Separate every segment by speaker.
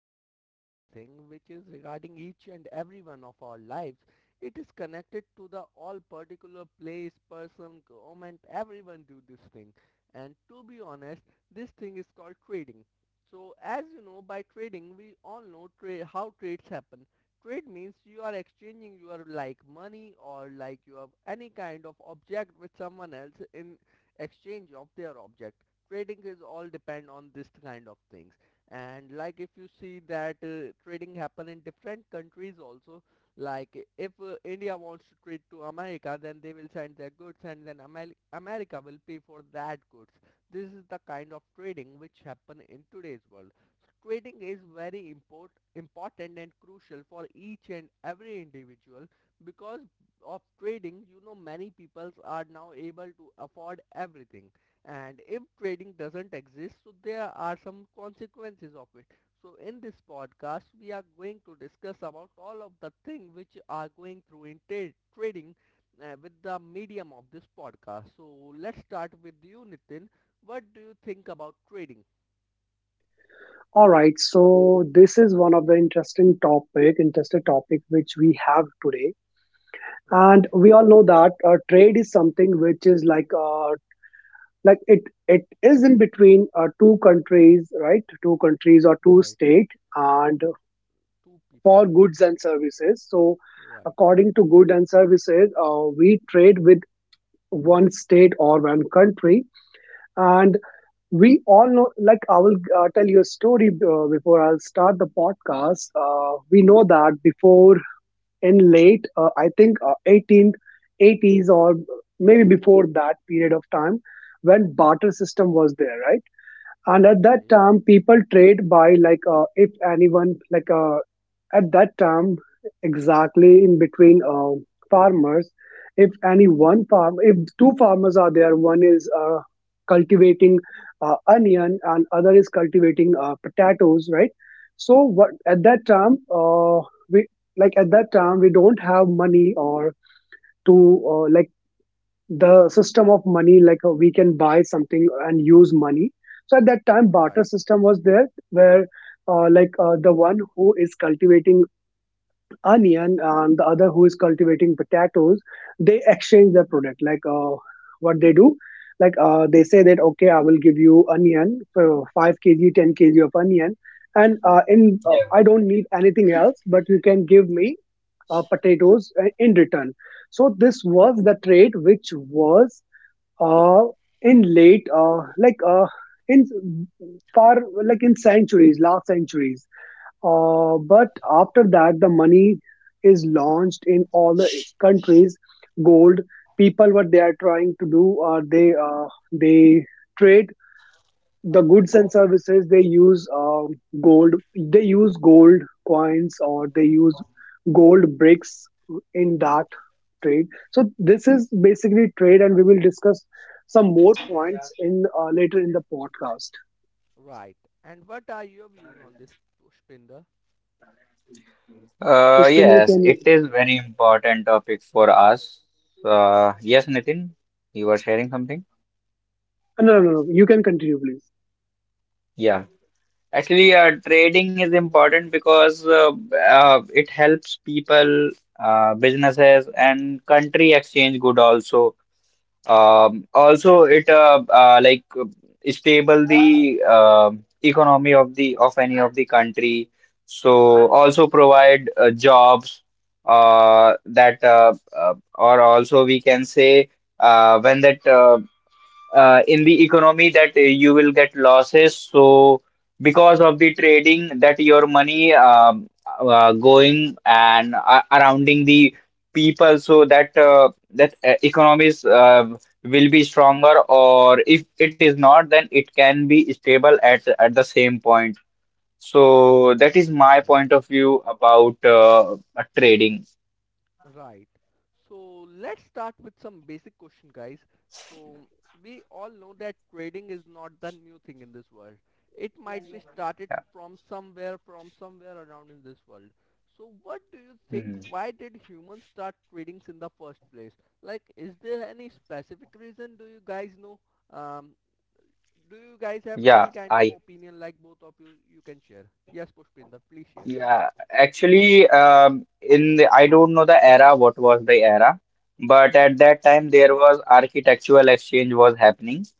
Speaker 1: very important thing which is regarding each and every one of our lives. It is connected to the all particular place, person, government, everyone do this thing. And to be honest, this thing is called trading. So, as you know, by trading, we all know how trades happen. Trade means you are exchanging your like money or like you have any kind of object with someone else in exchange of their object. Trading is all depend on this kind of things. And like if you see that trading happen in different countries also, like if India wants to trade to America, then they will send their goods and then America will pay for that goods. This is the kind of trading which happen in today's world. Trading is very important and crucial for each and every individual because of trading, you know, many people are now able to afford everything. And if trading doesn't exist, so there are some consequences of it. So in this podcast we are going to discuss about all of the things which are going through in trading with the medium of this podcast. So let's start with you, Nitin. What do you think about trading?
Speaker 2: All right, so this is one of the interesting topic which we have today,
Speaker 1: Right,
Speaker 2: and we all know that trade is something which is like it is in between two countries, right? Two countries or two
Speaker 1: right.
Speaker 2: state, and
Speaker 1: Two people.
Speaker 2: for goods and services. So,
Speaker 1: Right.
Speaker 2: according to good and services, we trade with one state or one country, and we all know like I will tell you a story before I'll start the podcast. We know that before in late I think 18th 80s or maybe before that period of time when barter system was there, right? And at that
Speaker 1: Okay.
Speaker 2: time people trade by like, if anyone at that time exactly in between farmers, if two farmers are there, one is cultivating onion and other is cultivating potatoes, right? So what at that time, we like at that time we don't have money or to like the system of money, like we can buy something and use money. So at that time
Speaker 1: Right.
Speaker 2: barter system was there where, the one who is cultivating onion and the other who is cultivating potatoes, they exchange their product. Like what they do, like they say that, okay, I will give you onion for 5 kg 10 kg of onion, and in I don't need anything else, but you can give me potatoes in return. So this was the trade which was uh, in late in far like in centuries last centuries, but after that the money is launched in all the countries. Gold. People, what they are trying to do are they trade the goods and services. They use gold. They use gold coins or they use gold bricks in that trade. So this is basically trade, and we will discuss some more points in, later in the podcast.
Speaker 1: Right. And what are your views on this, Pushpinder?
Speaker 3: Uh,
Speaker 2: Pushpinder,
Speaker 3: yes,
Speaker 2: can.
Speaker 3: it is very important topic for us. Yes, Nitin, you were sharing something?
Speaker 2: No, no, no, no, you can continue, please.
Speaker 3: Yeah. Actually, trading is important because it helps people, businesses, and country exchange good also. Also, it stable the economy of the of any of the country. So also provide jobs that or also we can say when that in the economy that you will get losses. So because of the trading that your money going and surrounding the people, so that economies will be stronger, or if it is not, then it can be stable at the same point. So that is my point
Speaker 1: Right.
Speaker 3: of view about trading.
Speaker 1: Right. So let's start with some basic question, guys. So we all know that trading is not the new thing in this world. It might be started
Speaker 3: Yeah.
Speaker 1: from somewhere around in this world. So what do you think?
Speaker 3: Mhm.
Speaker 1: Why did humans start trading in the first place? Like, is there any specific reason? Do you guys know? Um, do you guys have any
Speaker 3: Yeah.
Speaker 1: kind of
Speaker 3: I
Speaker 1: opinion? Like, both of you, you can share. Yes, Pushpinder, please share.
Speaker 3: Yeah, actually, in the, I don't know the era, what was the era, but at
Speaker 1: Okay.
Speaker 3: that time there was architectural exchange was happening,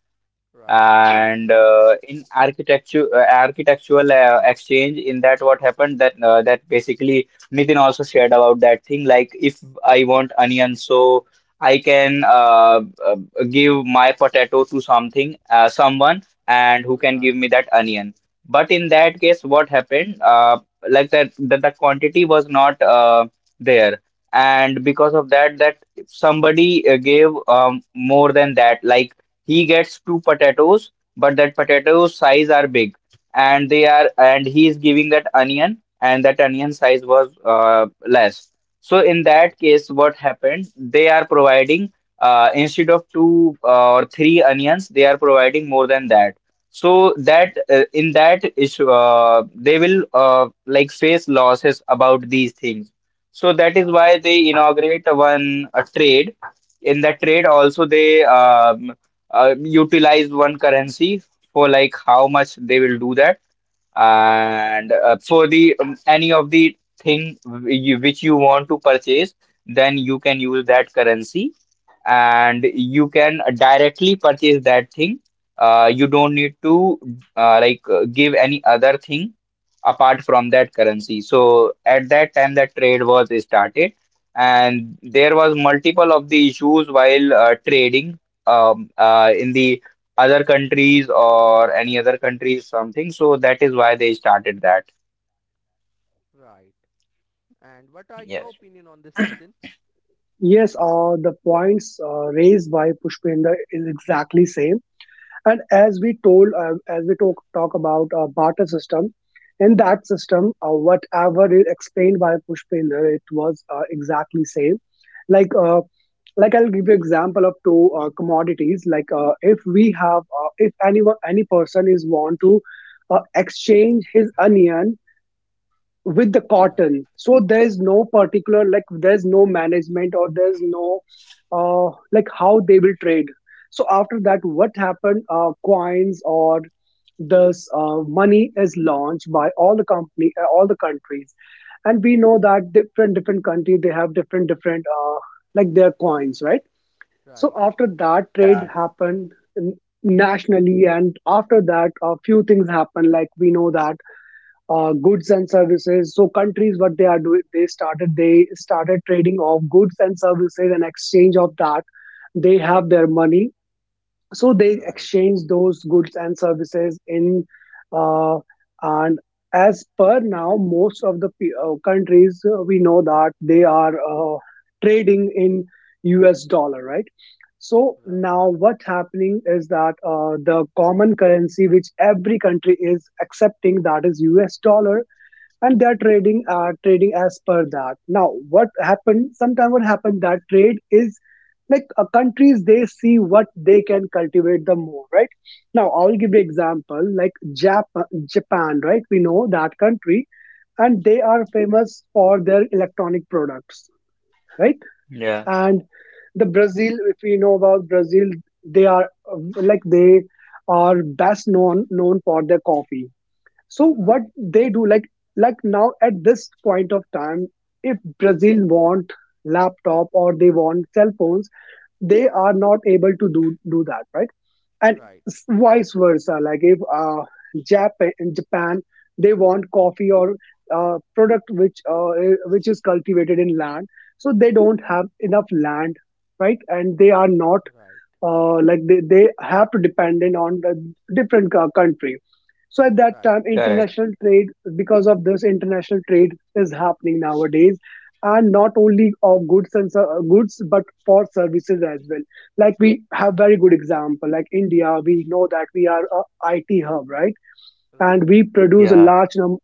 Speaker 1: Right,
Speaker 3: and in architecture architectural exchange, in that what happened that basically Nitin also shared about that thing. Like if I want onion, so I can give my potato to something, someone, and who can give
Speaker 1: right,
Speaker 3: me that onion. But in
Speaker 1: right,
Speaker 3: that case, what happened? Like that the quantity was not there, and because of that somebody gave more than that. Like he gets two potatoes, but that potato size are big, and they are and he is giving that onion, and that onion size was less. So in that
Speaker 1: right,
Speaker 3: case, what happened, they are providing instead of two or three onions, they are providing more than that. So that in that issue, they will like face losses about these things. So that is
Speaker 1: right,
Speaker 3: why they inaugurate one a trade. In that trade, also they utilize one currency for like how much they will do that, and for the any of the thing which you want to purchase, then you can use that currency and you can directly purchase that thing. You don't need to give any other thing apart from that currency. So at that time, that trade was started, and there was multiple of the issues while trading in the other countries or any other countries something. So that is why they started that.
Speaker 1: right. And what are your opinion
Speaker 3: Yes.
Speaker 1: on this, Nitin?
Speaker 2: Yes, the points raised by Pushpinder is exactly same. And as we told, as we talk about barter system, in that system, whatever is explained by Pushpinder, it was exactly same. Like uh, like I'll give you example of two commodities. Like if we have, if anyone, any person is want to exchange his onion with the
Speaker 1: Right,
Speaker 2: cotton. So there's no particular, like there's no management, or there's no like how they will trade. So after that, what happened, coins or this money is launched by all the company all the countries. And we know that different different country, they have different different like their coins, right? So
Speaker 1: right,
Speaker 2: after that, trade
Speaker 3: Yeah.
Speaker 2: happened n- nationally, and after that a few things happen. Like we know that goods and services. So countries, what they are doing, they started trading of goods and services and exchange of that. They have their money, so they
Speaker 1: right,
Speaker 2: exchange those goods and services in, uh, and as per now, most of the countries, we know that they are trading in U.S. dollar, right? So
Speaker 1: right,
Speaker 2: now what's happening is that the common currency which every country is accepting, that is US dollar, and they're trading as per that. Now what happened, sometimes what happened that trade is like, countries they see what they can cultivate the more, right? Now I'll give you example like Japan, right? We know that country, and they are famous for their electronic products, right?
Speaker 1: right,
Speaker 3: Yeah,
Speaker 2: And the Brazil, if we know about Brazil, they are uh, like they are best known for their coffee. So what
Speaker 1: right,
Speaker 2: they do, like now at this point of time, if Brazil want laptop or they want cell phones, they are not able to do that, right? And
Speaker 1: right,
Speaker 2: vice versa, like if Japan they want coffee or product which which is cultivated in land, so they don't have enough land, right? And they are not
Speaker 1: right,
Speaker 2: like they have to dependent on the different country. So at that
Speaker 1: right,
Speaker 2: time,
Speaker 1: right,
Speaker 3: correct.
Speaker 2: international trade, because of this, international trade is happening nowadays, and not only of goods and goods, but for services as well. Like we have
Speaker 1: right,
Speaker 2: very good example, like India. We know that we are a IT hub, right? And we produce a
Speaker 3: Yeah.
Speaker 2: large number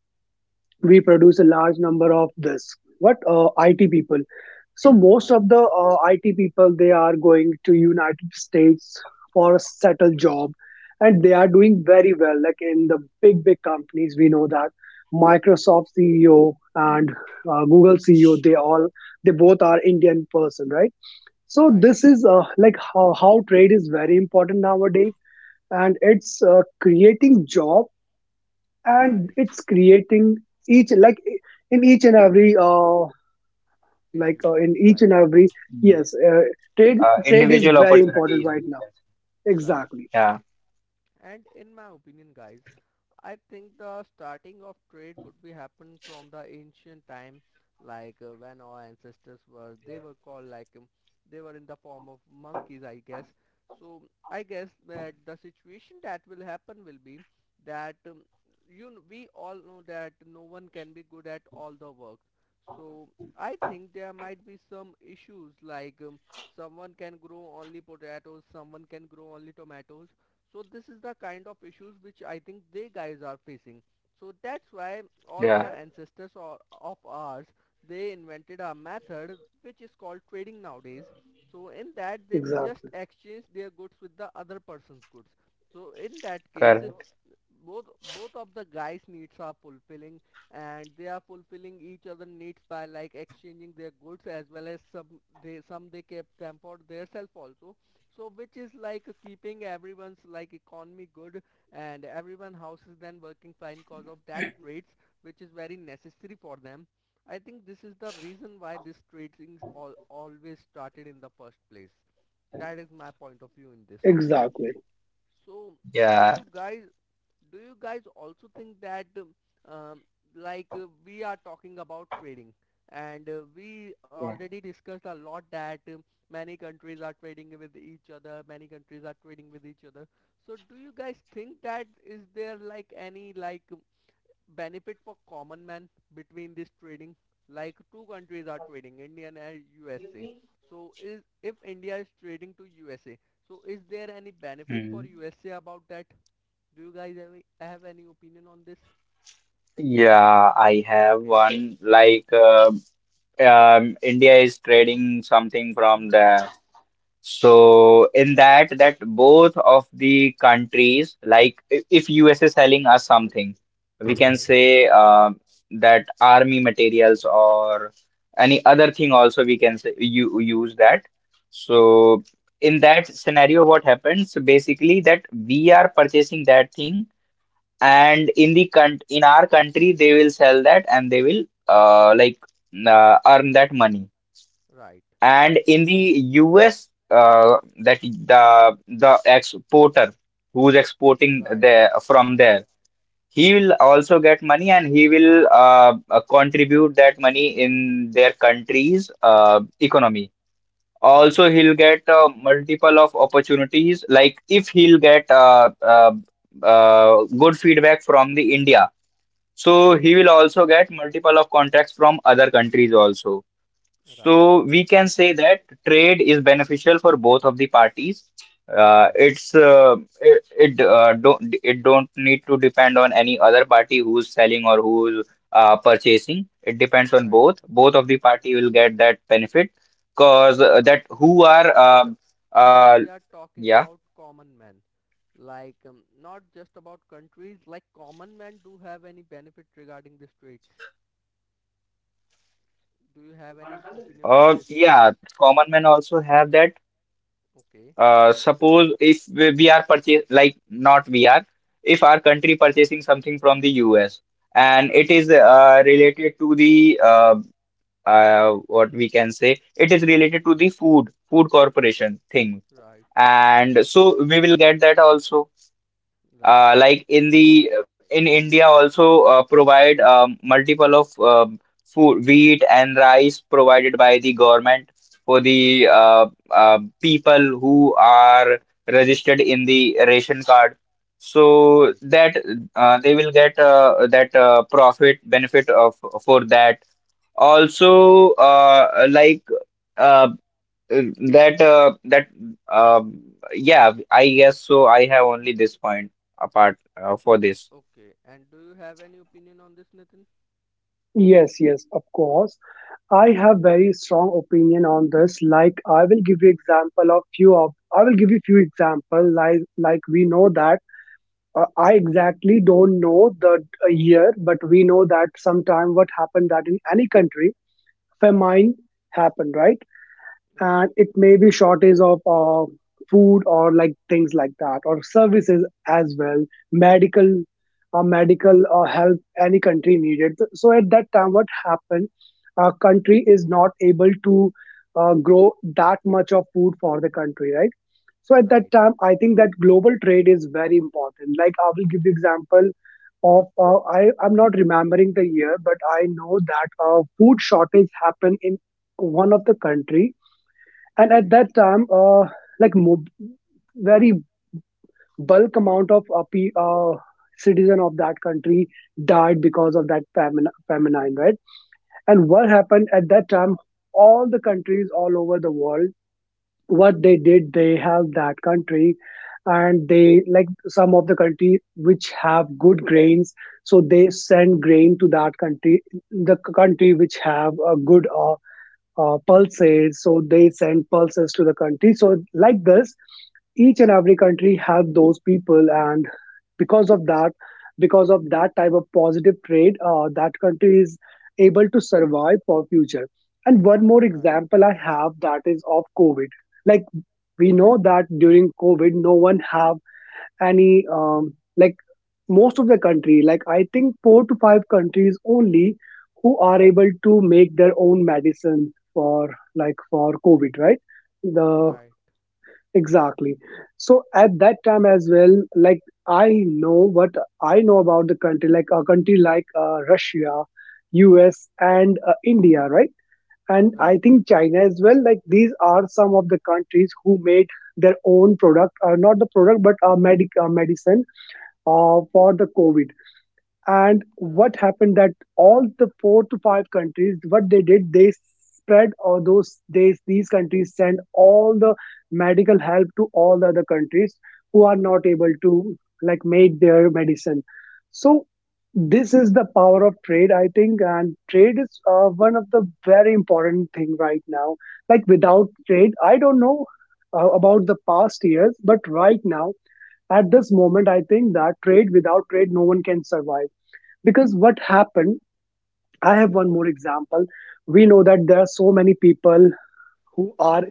Speaker 2: we produce a large number of this, what, IT people. So most
Speaker 1: right,
Speaker 2: of the IT people, they are going to United States for a settled job, and they are doing very well. Like in the big big companies, we know that Microsoft CEO and Google CEO, they both are Indian person, right? So
Speaker 1: right,
Speaker 2: this is like how trade is very important nowadays, and it's creating job, and
Speaker 1: right.
Speaker 2: it's creating each like in each and every like in
Speaker 1: Individual's
Speaker 2: each
Speaker 1: life.
Speaker 2: and every.
Speaker 3: Mm.
Speaker 2: Yes, trade trade is
Speaker 3: Individual
Speaker 2: very important
Speaker 3: opportunities,
Speaker 2: right
Speaker 3: you
Speaker 2: now.
Speaker 3: can say.
Speaker 1: Right.
Speaker 2: Exactly.
Speaker 3: Yeah.
Speaker 1: And in my opinion, guys, I think the starting of trade would be happen from the ancient time, like when our ancestors were, they were called like, they were in the form of monkeys, I guess. So I guess that the situation that will happen will be that, we all know that no one can be good at all the work. So I think there might be some issues, like, someone can grow only potatoes, someone can grow only tomatoes. So this is the kind of issues which I think they guys are facing. So that's why all the
Speaker 3: Yeah.
Speaker 1: ancestors or of ours, they invented a method which is called trading nowadays. So in that they will just
Speaker 2: Exactly,
Speaker 1: exchange their goods with the other person's goods. So in that case,
Speaker 3: Correct.
Speaker 1: both both of the guys needs are fulfilling and they are fulfilling each other needs by like exchanging their goods, as well as some they kept them for themselves also, so which is like keeping everyone's like economy good, and everyone houses then working fine cause of that trades, which is very necessary for them. I think this is the reason why this trading is all always started in the first place. That is my point of view in this.
Speaker 2: exactly.
Speaker 1: So do
Speaker 3: Yeah.
Speaker 1: you guys do you guys also think that, um, like we are talking about trading, and we
Speaker 3: Yeah.
Speaker 1: already discussed a lot that, many countries are trading with each other many countries are trading with each other so do you guys think that is there like any like, benefit for common man between this trading? Like two countries are trading, India and USA, so is if India is trading to USA, so is there any benefit for
Speaker 3: Mm.
Speaker 1: USA about that? Do you guys have any opinion on this?
Speaker 3: Yeah, I have
Speaker 1: Okay,
Speaker 3: one. Like, India is trading something from there. So in that, that both of the countries, like if US is selling us something, we can
Speaker 1: right,
Speaker 3: say that army materials or any other thing also we can say you use that.
Speaker 1: right,
Speaker 3: So in that scenario, what happens basically that we are purchasing that thing, and in the country in our country they will sell that and they will uh, like earn that money.
Speaker 1: right,
Speaker 3: And in the US, that the exporter who's exporting
Speaker 1: right,
Speaker 3: there from there, he will also get money and he will contribute that money in their country's economy. Also
Speaker 1: right,
Speaker 3: he'll get multiple of opportunities. Like if he'll get good feedback from the India, so he
Speaker 1: right,
Speaker 3: will also get multiple of contracts from other countries also.
Speaker 1: right, right,
Speaker 3: So we can say that trade is beneficial for both of the parties. Uh,
Speaker 1: right,
Speaker 3: it's uh, it don't, it don't need to depend on any other party who's selling or who's purchasing. It depends on
Speaker 1: right.
Speaker 3: both. Both of the party will get that benefit because that
Speaker 1: But
Speaker 3: who are
Speaker 1: Pushpinder,
Speaker 3: uh,
Speaker 1: here we are
Speaker 3: yeah
Speaker 1: talking about common men. Like, not just about countries, like common men do have any benefit regarding these traits. Do you have any opinion on this?
Speaker 3: yeah, common men also have that.
Speaker 1: Okay,
Speaker 3: Suppose if we are purchase like, not we are, if our country purchasing something from the US, and it
Speaker 1: right,
Speaker 3: is related to the what we can say, it is related to the food corporation thing,
Speaker 1: right,
Speaker 3: and so we will get that also.
Speaker 1: right,
Speaker 3: Like in the in India also provide multiple of food, wheat and rice provided by the government for the people who are registered in the ration card, so
Speaker 1: right.
Speaker 3: that they will get that profit benefit of for that also. Like uh, uh, That that um yeah, I guess so. I have only this point apart for this.
Speaker 1: Okay, and do you have any opinion on this, Nitin?
Speaker 2: Yes, yes, of course. I have
Speaker 1: Okay,
Speaker 2: very strong opinion on this. Like I will give you example of few of I will give you few example. Like we know that, I exactly don't know the year, but we know that sometime what happened that in any country famine happened, right?
Speaker 1: right,
Speaker 2: And it may be shortage of food or like things like that, or services as well. Medical uh, medical uh, help, any country needed. So at that time, what happened, a country is not able to grow that much of food for the country, right? So at that
Speaker 1: right,
Speaker 2: time, I think that global trade is very important. Like I will give you example of, I'm not remembering the year, but I know that a food shortage happened in one of the country, and at
Speaker 1: right,
Speaker 2: that time, like mo- very bulk amount of citizen of that country died because of that famine, right? And what
Speaker 1: okay,
Speaker 2: happened at that time, all the countries all over the world, what they did, they helped that country. And they, like, some of the country which have good grains, so they send grain to that country. The country which have a good pulses, so they send pulses to the country. So like this, each and every country have those people. And because of that, type of positive trade, that country is able to survive for future. And one more
Speaker 1: right,
Speaker 2: example I have, that is of COVID. Like we know that during COVID, no one have any like most of the country, like I think four to five countries only who are able to make their own medicine for COVID, right? the
Speaker 1: right,
Speaker 2: Exactly. So at that time as well, like I know what I know about the country like a country like Russia, US, and India, right? And
Speaker 1: right,
Speaker 2: I
Speaker 1: right,
Speaker 2: think China as well. Like these are some of the countries who made their own product, not the product but medicine for the COVID. And what
Speaker 1: right,
Speaker 2: happened that all the four to five countries, what they did, they spread or those they these countries send all the medical help to all the other countries who are not able to, like, make their medicine. So this is the power of trade, I think, and trade is one of the very important thing right now. Like without trade I don't know about the past years, but right now at this moment, I think that trade without trade no one can survive. Because what happened, I have one more example. We know that there are so many people who are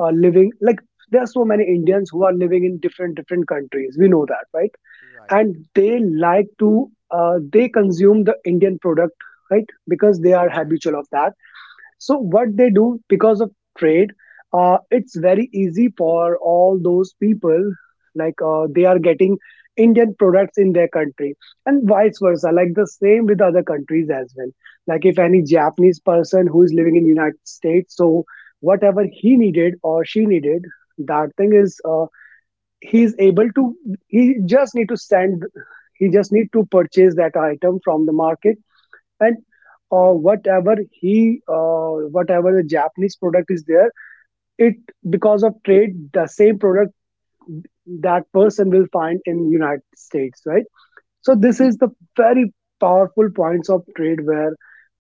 Speaker 2: living, like there are so many Indians who are living in different different countries, we know that, right?
Speaker 1: right,
Speaker 2: And they like to they consume the Indian product, right? Because they are habitual of that. So what they do, because of trade, it's very easy for all those people. Like they are getting Indian products in their country, and vice versa.
Speaker 1: right,
Speaker 2: Like the same with other countries as well. Like if any Japanese person who is living in United States, so whatever he needed or she needed, that thing is, he is able to. He just need to send. He just need to purchase that item from the market, and whatever he whatever the japanese product is there, it because of trade the same product that person will find in United States, right? So this
Speaker 1: right,
Speaker 2: is the very powerful points of trade where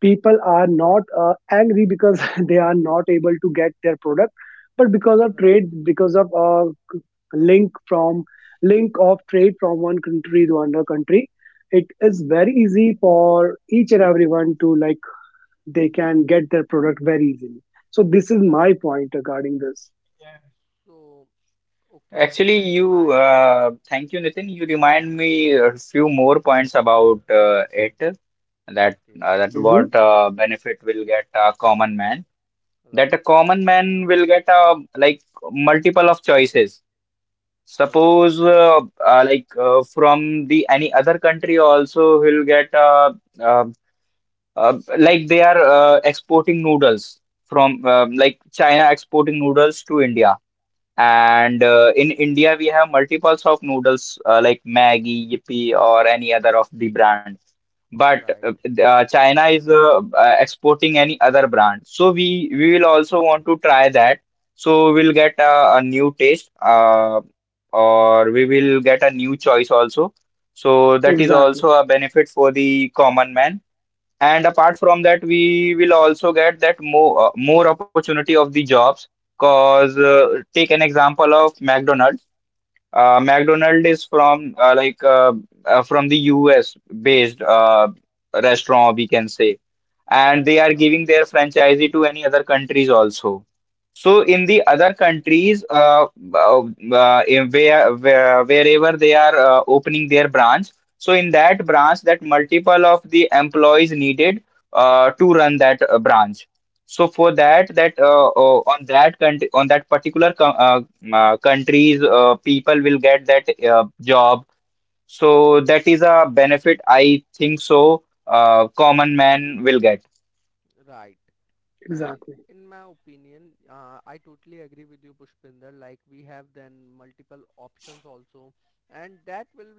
Speaker 2: people are not angry because they are not able to get their product, but because of
Speaker 1: right.
Speaker 2: trade, because of link from link of trade from one country to another country, it is very easy for each and everyone to like they can get their product very easily. So this is my
Speaker 1: Right.
Speaker 2: point regarding this.
Speaker 1: So, okay,
Speaker 3: Actually,
Speaker 1: and
Speaker 3: you,
Speaker 1: my
Speaker 3: thank you, Nitin. You remind me a few more points about it,
Speaker 1: okay,
Speaker 3: that
Speaker 2: Hmm.
Speaker 3: what benefit will get a common man. That a
Speaker 1: right,
Speaker 3: common man will get like multiple of choices.
Speaker 1: right,
Speaker 3: Suppose from the any other country also he'll get uh, they are exporting noodles from like China exporting noodles to India.
Speaker 1: right,
Speaker 3: And in India, we have multiples of noodles like Maggi, Yippee, or any other of the brand. But
Speaker 1: right,
Speaker 3: China is exporting any other brand. So we will also want to try that. So we'll get a new taste, or we will get a new choice also. So that is
Speaker 2: Exactly,
Speaker 3: also a benefit for the common man. And apart from that, we will also get that more opportunity of the jobs. Cause take an example of McDonald's.
Speaker 1: okay,
Speaker 3: McDonald is from from the US based restaurant, we can say, and they are giving
Speaker 1: right,
Speaker 3: their franchisee to any other countries also. So in
Speaker 1: right,
Speaker 3: the other countries, uh, in where wherever they are opening their branch, so in that branch, that multiple of the employees needed to run that branch. So for
Speaker 1: right,
Speaker 3: that, on that particular countries, people will get that job. So that is a benefit, I think so. Common man will get.
Speaker 1: right. And
Speaker 2: exactly,
Speaker 1: in my opinion, I totally agree with you, Pushpinder. Like we have then multiple options also, and that will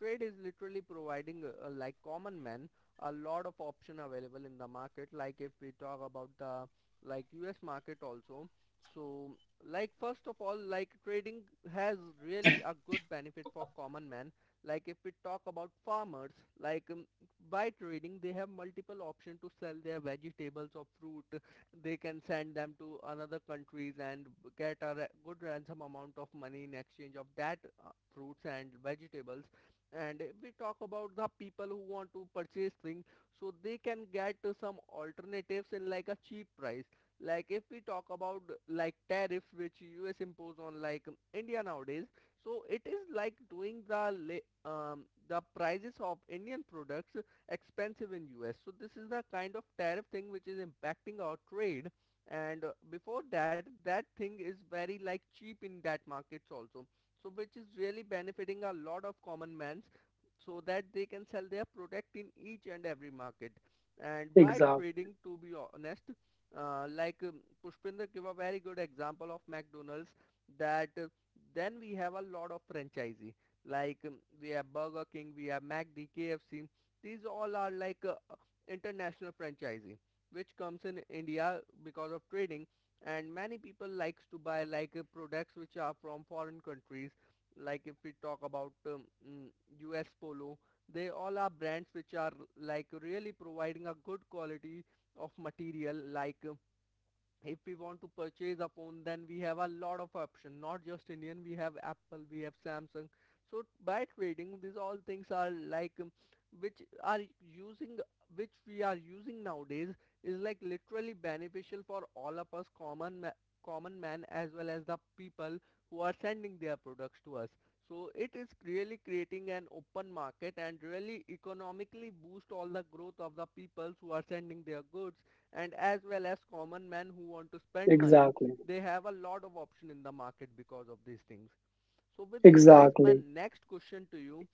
Speaker 1: trade is literally providing like common man a lot of option available in the market. Like if we talk about the like U.S. market also, so like first of all, like trading has really a good benefit for common man. Like if we talk about farmers, like, by trading they have multiple option to sell their vegetables or fruit, they can send them to another countries and get a good ransom amount of money in exchange of that fruits and vegetables. And if we talk about the people who want to purchase things, so they can get some alternatives in like a cheap price. Like if we talk about like tariffs which US impose on like, India nowadays, so it is like doing the the prices of Indian products expensive in US. So this is the kind of tariff thing which is impacting our trade. And before that, that thing is very like cheap in that markets also. So which is really benefiting a lot of common mans, so that they can sell their product in each and every market. And by
Speaker 2: exactly,
Speaker 1: trading, to be honest, like, Pushpinder gave a very good example of McDonald's, that then we have a lot of franchisee, like, we have Burger King, we have McD, KFC. These all are like international franchising, which comes in India because of trading, and many people likes to buy like products which are from foreign countries. Like if we talk about mm, US Polo, they all are brands which are like really providing a good quality of material, like if we want to purchase a phone, then we have a lot of option, not just Indian, we have Apple, we have Samsung. So by trading these all things are like, which are using which we are using nowadays is like literally beneficial for all of us, common man, as well as the people who are sending their products to us. So it is really creating an open market and really economically boost all the growth of the peoples who are sending their goods, and as well as common men who want to spend money,
Speaker 2: exactly,
Speaker 1: they have a lot of option in the market because of these things. So with this, guys, my
Speaker 2: exactly.
Speaker 1: next question to you,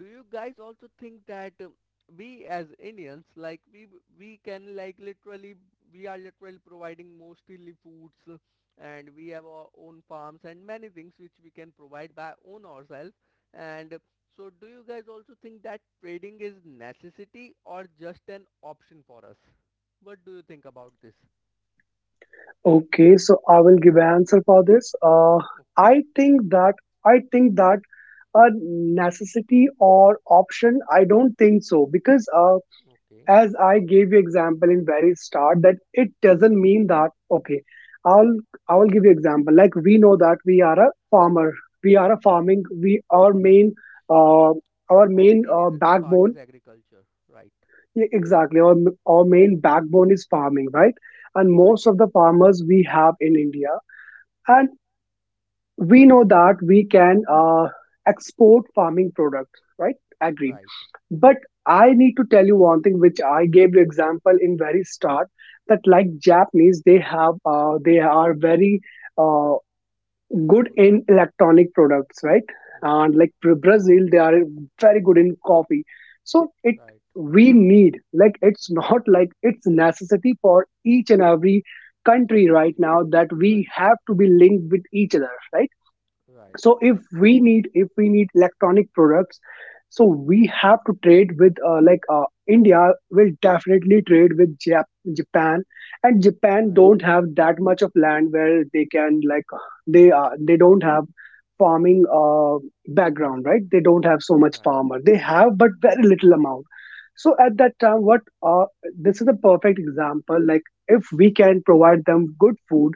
Speaker 1: do you guys also think that, we as Indians, like we can like literally, we are literally providing mostly foods, and we have our own farms and many things which we can provide by own ourselves, and so do you guys also think that trading is necessity or just an option for us? What do you think about this?
Speaker 2: Okay, so I will give an answer for this.
Speaker 1: Okay,
Speaker 2: I think that I think that a necessity or option. I don't think so because
Speaker 1: okay.
Speaker 2: as I gave you example in very start that it doesn't mean that okay, I'll I will give you example. Like we know that we are a farming, we uh, our
Speaker 1: Our
Speaker 2: main
Speaker 1: main
Speaker 2: uh,
Speaker 1: is part
Speaker 2: backbone.
Speaker 1: is agriculture. Right,
Speaker 2: Yeah, exactly, our main backbone is farming, right? And
Speaker 1: right,
Speaker 2: most of the farmers we have in India. And we know that we can export farming products, right? Agreed.
Speaker 1: right,
Speaker 2: But I need to tell you one thing, which I gave you example in very start, that like Japanese, they are very uh, good
Speaker 1: good.
Speaker 2: in electronic products, right?
Speaker 1: Right,
Speaker 2: And like Brazil, they are very good in coffee. So it
Speaker 1: right.
Speaker 2: we need, like it's not like it's necessity for each and every country right now
Speaker 1: Individual.
Speaker 2: that we
Speaker 1: Right,
Speaker 2: have to be linked with each other, right?
Speaker 1: right,
Speaker 2: So if we need, electronic products, so we have to trade with like India will definitely trade with Japan. And Japan
Speaker 1: right,
Speaker 2: don't have that much of land where they can, like, they don't have farming background, right? They don't have so much
Speaker 1: right,
Speaker 2: farmer, they have but very little amount. So at that time what uh, this is a perfect example. Like if we can provide them good food,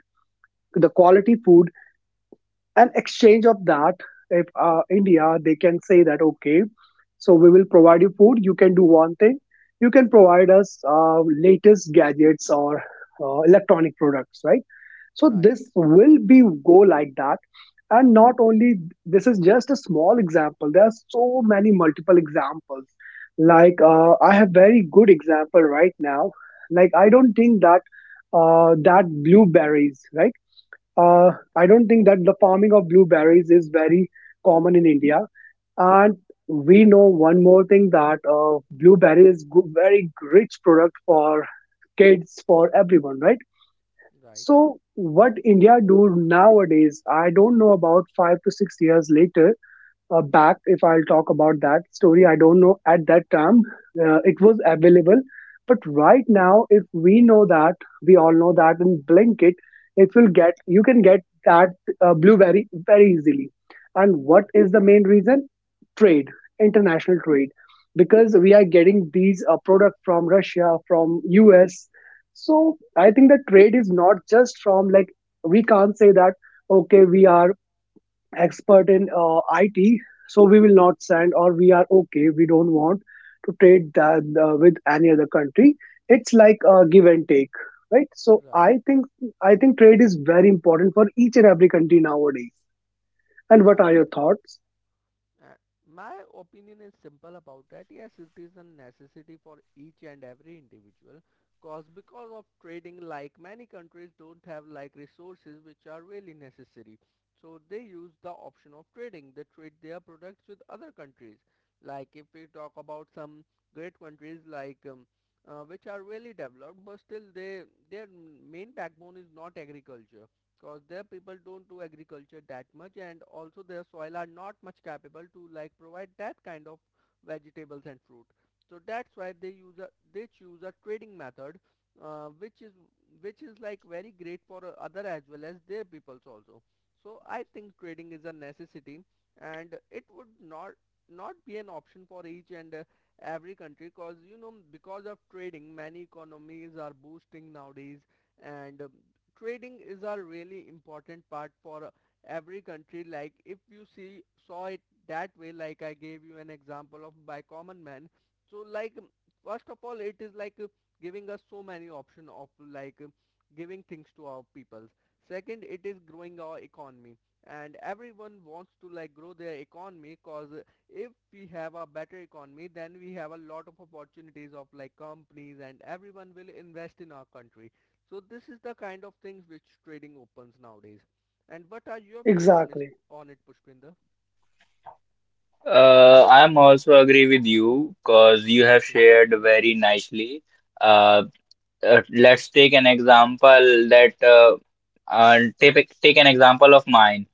Speaker 2: the quality food, an exchange of that, if India they can say that okay, so we will provide you food, you can do one thing, you can provide us latest gadgets or electronic products, right? So
Speaker 1: right, right,
Speaker 2: this will be go like that. And not only, this is just a small example, there are so many multiple examples. Like I have very good example right now. Like I don't think that that blueberries, right. uh, I don't think that the farming of blueberries is very common in India. And we know one more thing, that blueberry is very rich product for kids, for everyone, right?
Speaker 1: right,
Speaker 2: So what India do nowadays, I don't know, about 5 to 6 years later, back if I'll talk about that story, I don't know at that time it was available. But right now, if we know that we all know that in blinkit, it will get you can get that blueberry very easily. And what is the
Speaker 1: Okay,
Speaker 2: main reason? Trade. International trade. Because we are getting these product from Russia, from US. So I think the trade is not just from, like, we can't say that okay, we are expert in IT, so we will not send or we are okay. We don't want to trade that with any other country. It's like a
Speaker 1: right,
Speaker 2: give and take, right? So
Speaker 1: right,
Speaker 2: I think, trade is very important for each and every country nowadays. And what are
Speaker 1: right.
Speaker 2: your thoughts?
Speaker 1: Uh, my opinion is simple about that. Yes, it is a necessity for each and every individual. Cause because of trading, like many countries don't have like resources which are really necessary. So they use the option of trading. They trade their products with other countries. Like if we talk about some great countries like, which are really developed, but still they their main backbone is not agriculture. Cause their people don't do agriculture that much, and also their soil are not much capable to like provide that kind of vegetables and fruit. So that's why they use a they choose a trading method, uh, which is which is like very great for other as well as their peoples also. So I think trading is a necessity and it would not not be an option for each and, every country, cause you know because of trading many economies are boosting nowadays. And, trading is a really important part for, every country. Like if you see saw it that way, like I gave you an example of by common man, so like, first of all it is like, giving us so many option of like, giving things to our peoples. Second, it is growing our economy, and everyone wants to like grow their economy, cause if we have a better economy, then we have a lot of opportunities of like companies and everyone will invest in our country. So this is the kind of things which trading opens nowadays. And what are your views on is
Speaker 2: Exactly.
Speaker 1: on it, Pushpinder?
Speaker 3: I'm also agree with you because you have
Speaker 1: Okay.
Speaker 3: shared very nicely. Uh, let's take an example that uh, take take an example of mine.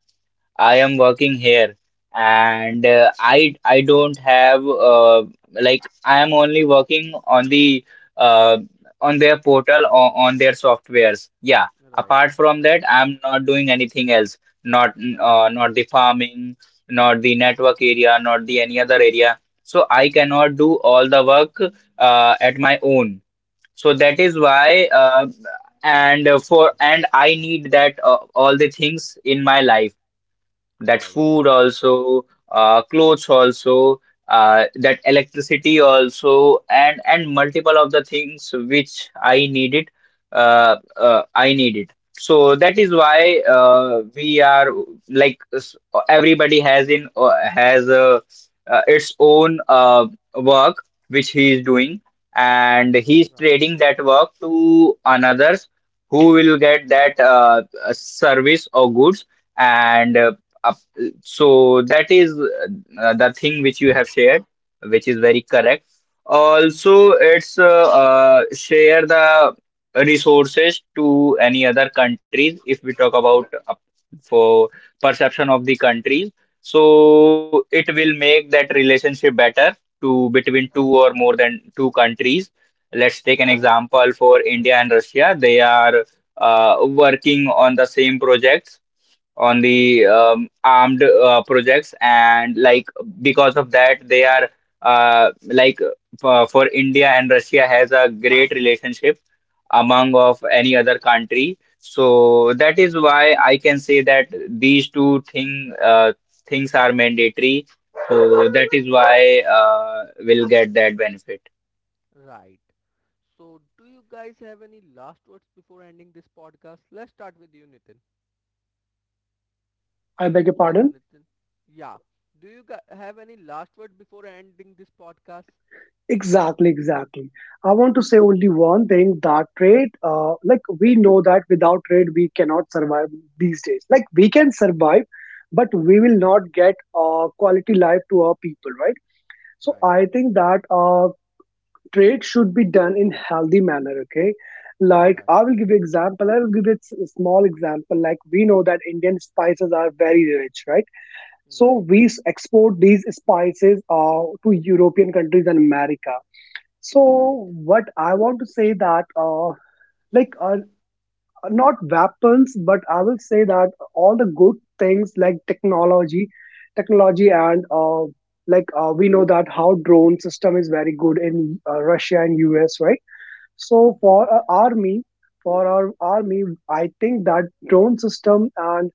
Speaker 3: I am
Speaker 1: Right.
Speaker 3: working here, and I don't have like, I am only working on the uh, on their portal or on their softwares. Yeah.
Speaker 1: Right.
Speaker 3: Apart from that, I'm not doing anything else. Not
Speaker 1: Right.
Speaker 3: not the farming, not the network area, not the any other area. So I cannot do all the work at my own. So that
Speaker 1: Right.
Speaker 3: is why and for, and I need that all the things in my life, that
Speaker 1: Right.
Speaker 3: food also, clothes also, that electricity also, and multiple of the things which I needed, I needed. So that is
Speaker 1: Right.
Speaker 3: why we are like, everybody has in has its own work which he is doing, and he is
Speaker 1: Right.
Speaker 3: trading that work to another who will get that service or goods, and up so that is the thing which you have shared, which is very correct. Also it's share the resources to any other countries. If we talk about for perception of the countries, so it will make that relationship better to between two or more than two countries. Let's take an example for India and Russia. They are uh, working on the same projects, on the armed projects, and like because of that they are uh, like for India and Russia has a great relationship among of any other country. So that is why I can say that these two things are mandatory, so that is why we'll get that benefit.
Speaker 1: Right. So do you guys have any last words before ending this podcast? Let's start with you, Nitin.
Speaker 2: I beg your
Speaker 1: Hello,
Speaker 2: pardon.
Speaker 1: Nitin. Yeah. Do you have any last word before ending this podcast?
Speaker 2: Exactly, exactly. I want to say only one thing, that trade, like we know that without trade, we cannot survive these days. Like we can survive, but we will not get quality life to our people, right? So
Speaker 1: Right.
Speaker 2: I think that trade should be done in healthy manner, okay? Like
Speaker 1: Right.
Speaker 2: I will give you example. I will give you a small example. Like we know that Indian spices are very rich, right?
Speaker 1: Right.
Speaker 2: So we export these spices to European countries and America.
Speaker 1: Right.
Speaker 2: So what I want to say that like not weapons, but I will say that all the good things like technology, and like we know that how drone system is very good in Russia and US, right? So
Speaker 1: Right.
Speaker 2: for our army, for our army, I think that drone system and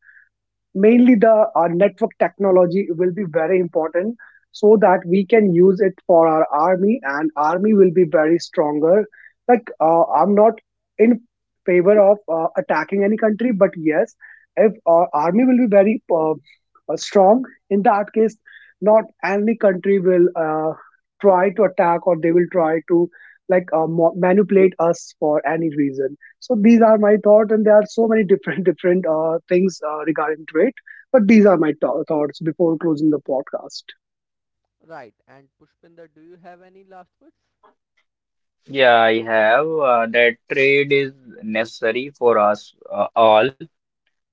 Speaker 2: mainly the our network technology will be very important, so that we can use it for our army and army will be very stronger. Like I'm not in favor of attacking any country, but yes, if our army will be very strong, in that case not any country will try to attack, or they will try to like manipulate us for any reason. So these are my thoughts, and there are so many different different things regarding trade. But these are my thoughts before closing the podcast.
Speaker 1: Right. And Pushpinder, do you have any last words?
Speaker 3: Yeah, I have that trade is necessary for us all.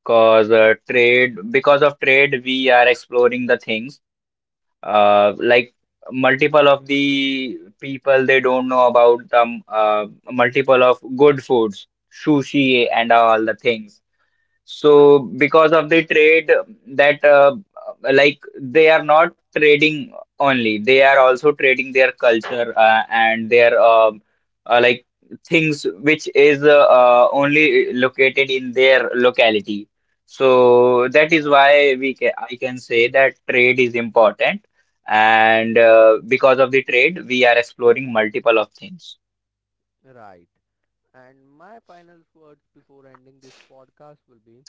Speaker 3: Cause because of trade, we are exploring the things. Like, multiple of
Speaker 1: Right,
Speaker 3: the people, they don't know about the multiple of good foods, sushi
Speaker 1: right,
Speaker 3: and all the things. So because of the trade, that like they are not trading only, they are also trading their culture and their like things which is only located in their locality. So that is
Speaker 1: right,
Speaker 3: why we ca I can say that trade is important, and because of the trade, we are exploring multiple of things.
Speaker 1: right. And my final words before ending this podcast will be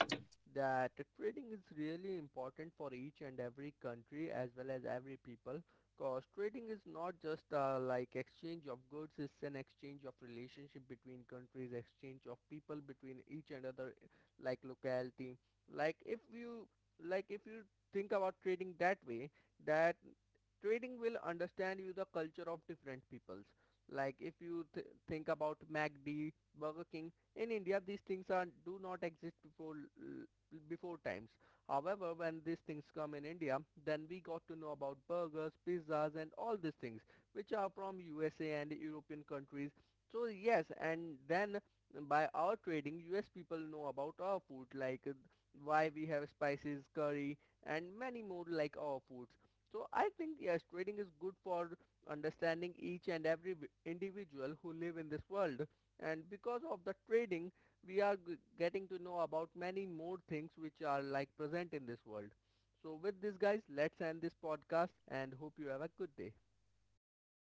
Speaker 1: that trading is really important for each and every country as well as every people, because trading is not just like exchange of goods, it's an exchange of relationship between countries, exchange of people between each and other, like locality. Like if you like if you think about trading that way, that trading will understand you the culture of different peoples. Like if you think about MACD, Burger King, in India these things are do not exist before times. However, when these things come in India, then we got to know about burgers, pizzas, and all these things which are from USA and European countries. So yes, and then by our trading, US people know about our food, like why we have spices, curry, and many more like our foods. So I think yes, trading is good for understanding each and every individual who live in this world, and because of the trading we are getting to know about many more things which are like present in this world. So with this, guys, let's end this podcast and hope you have a good day.
Speaker 2: You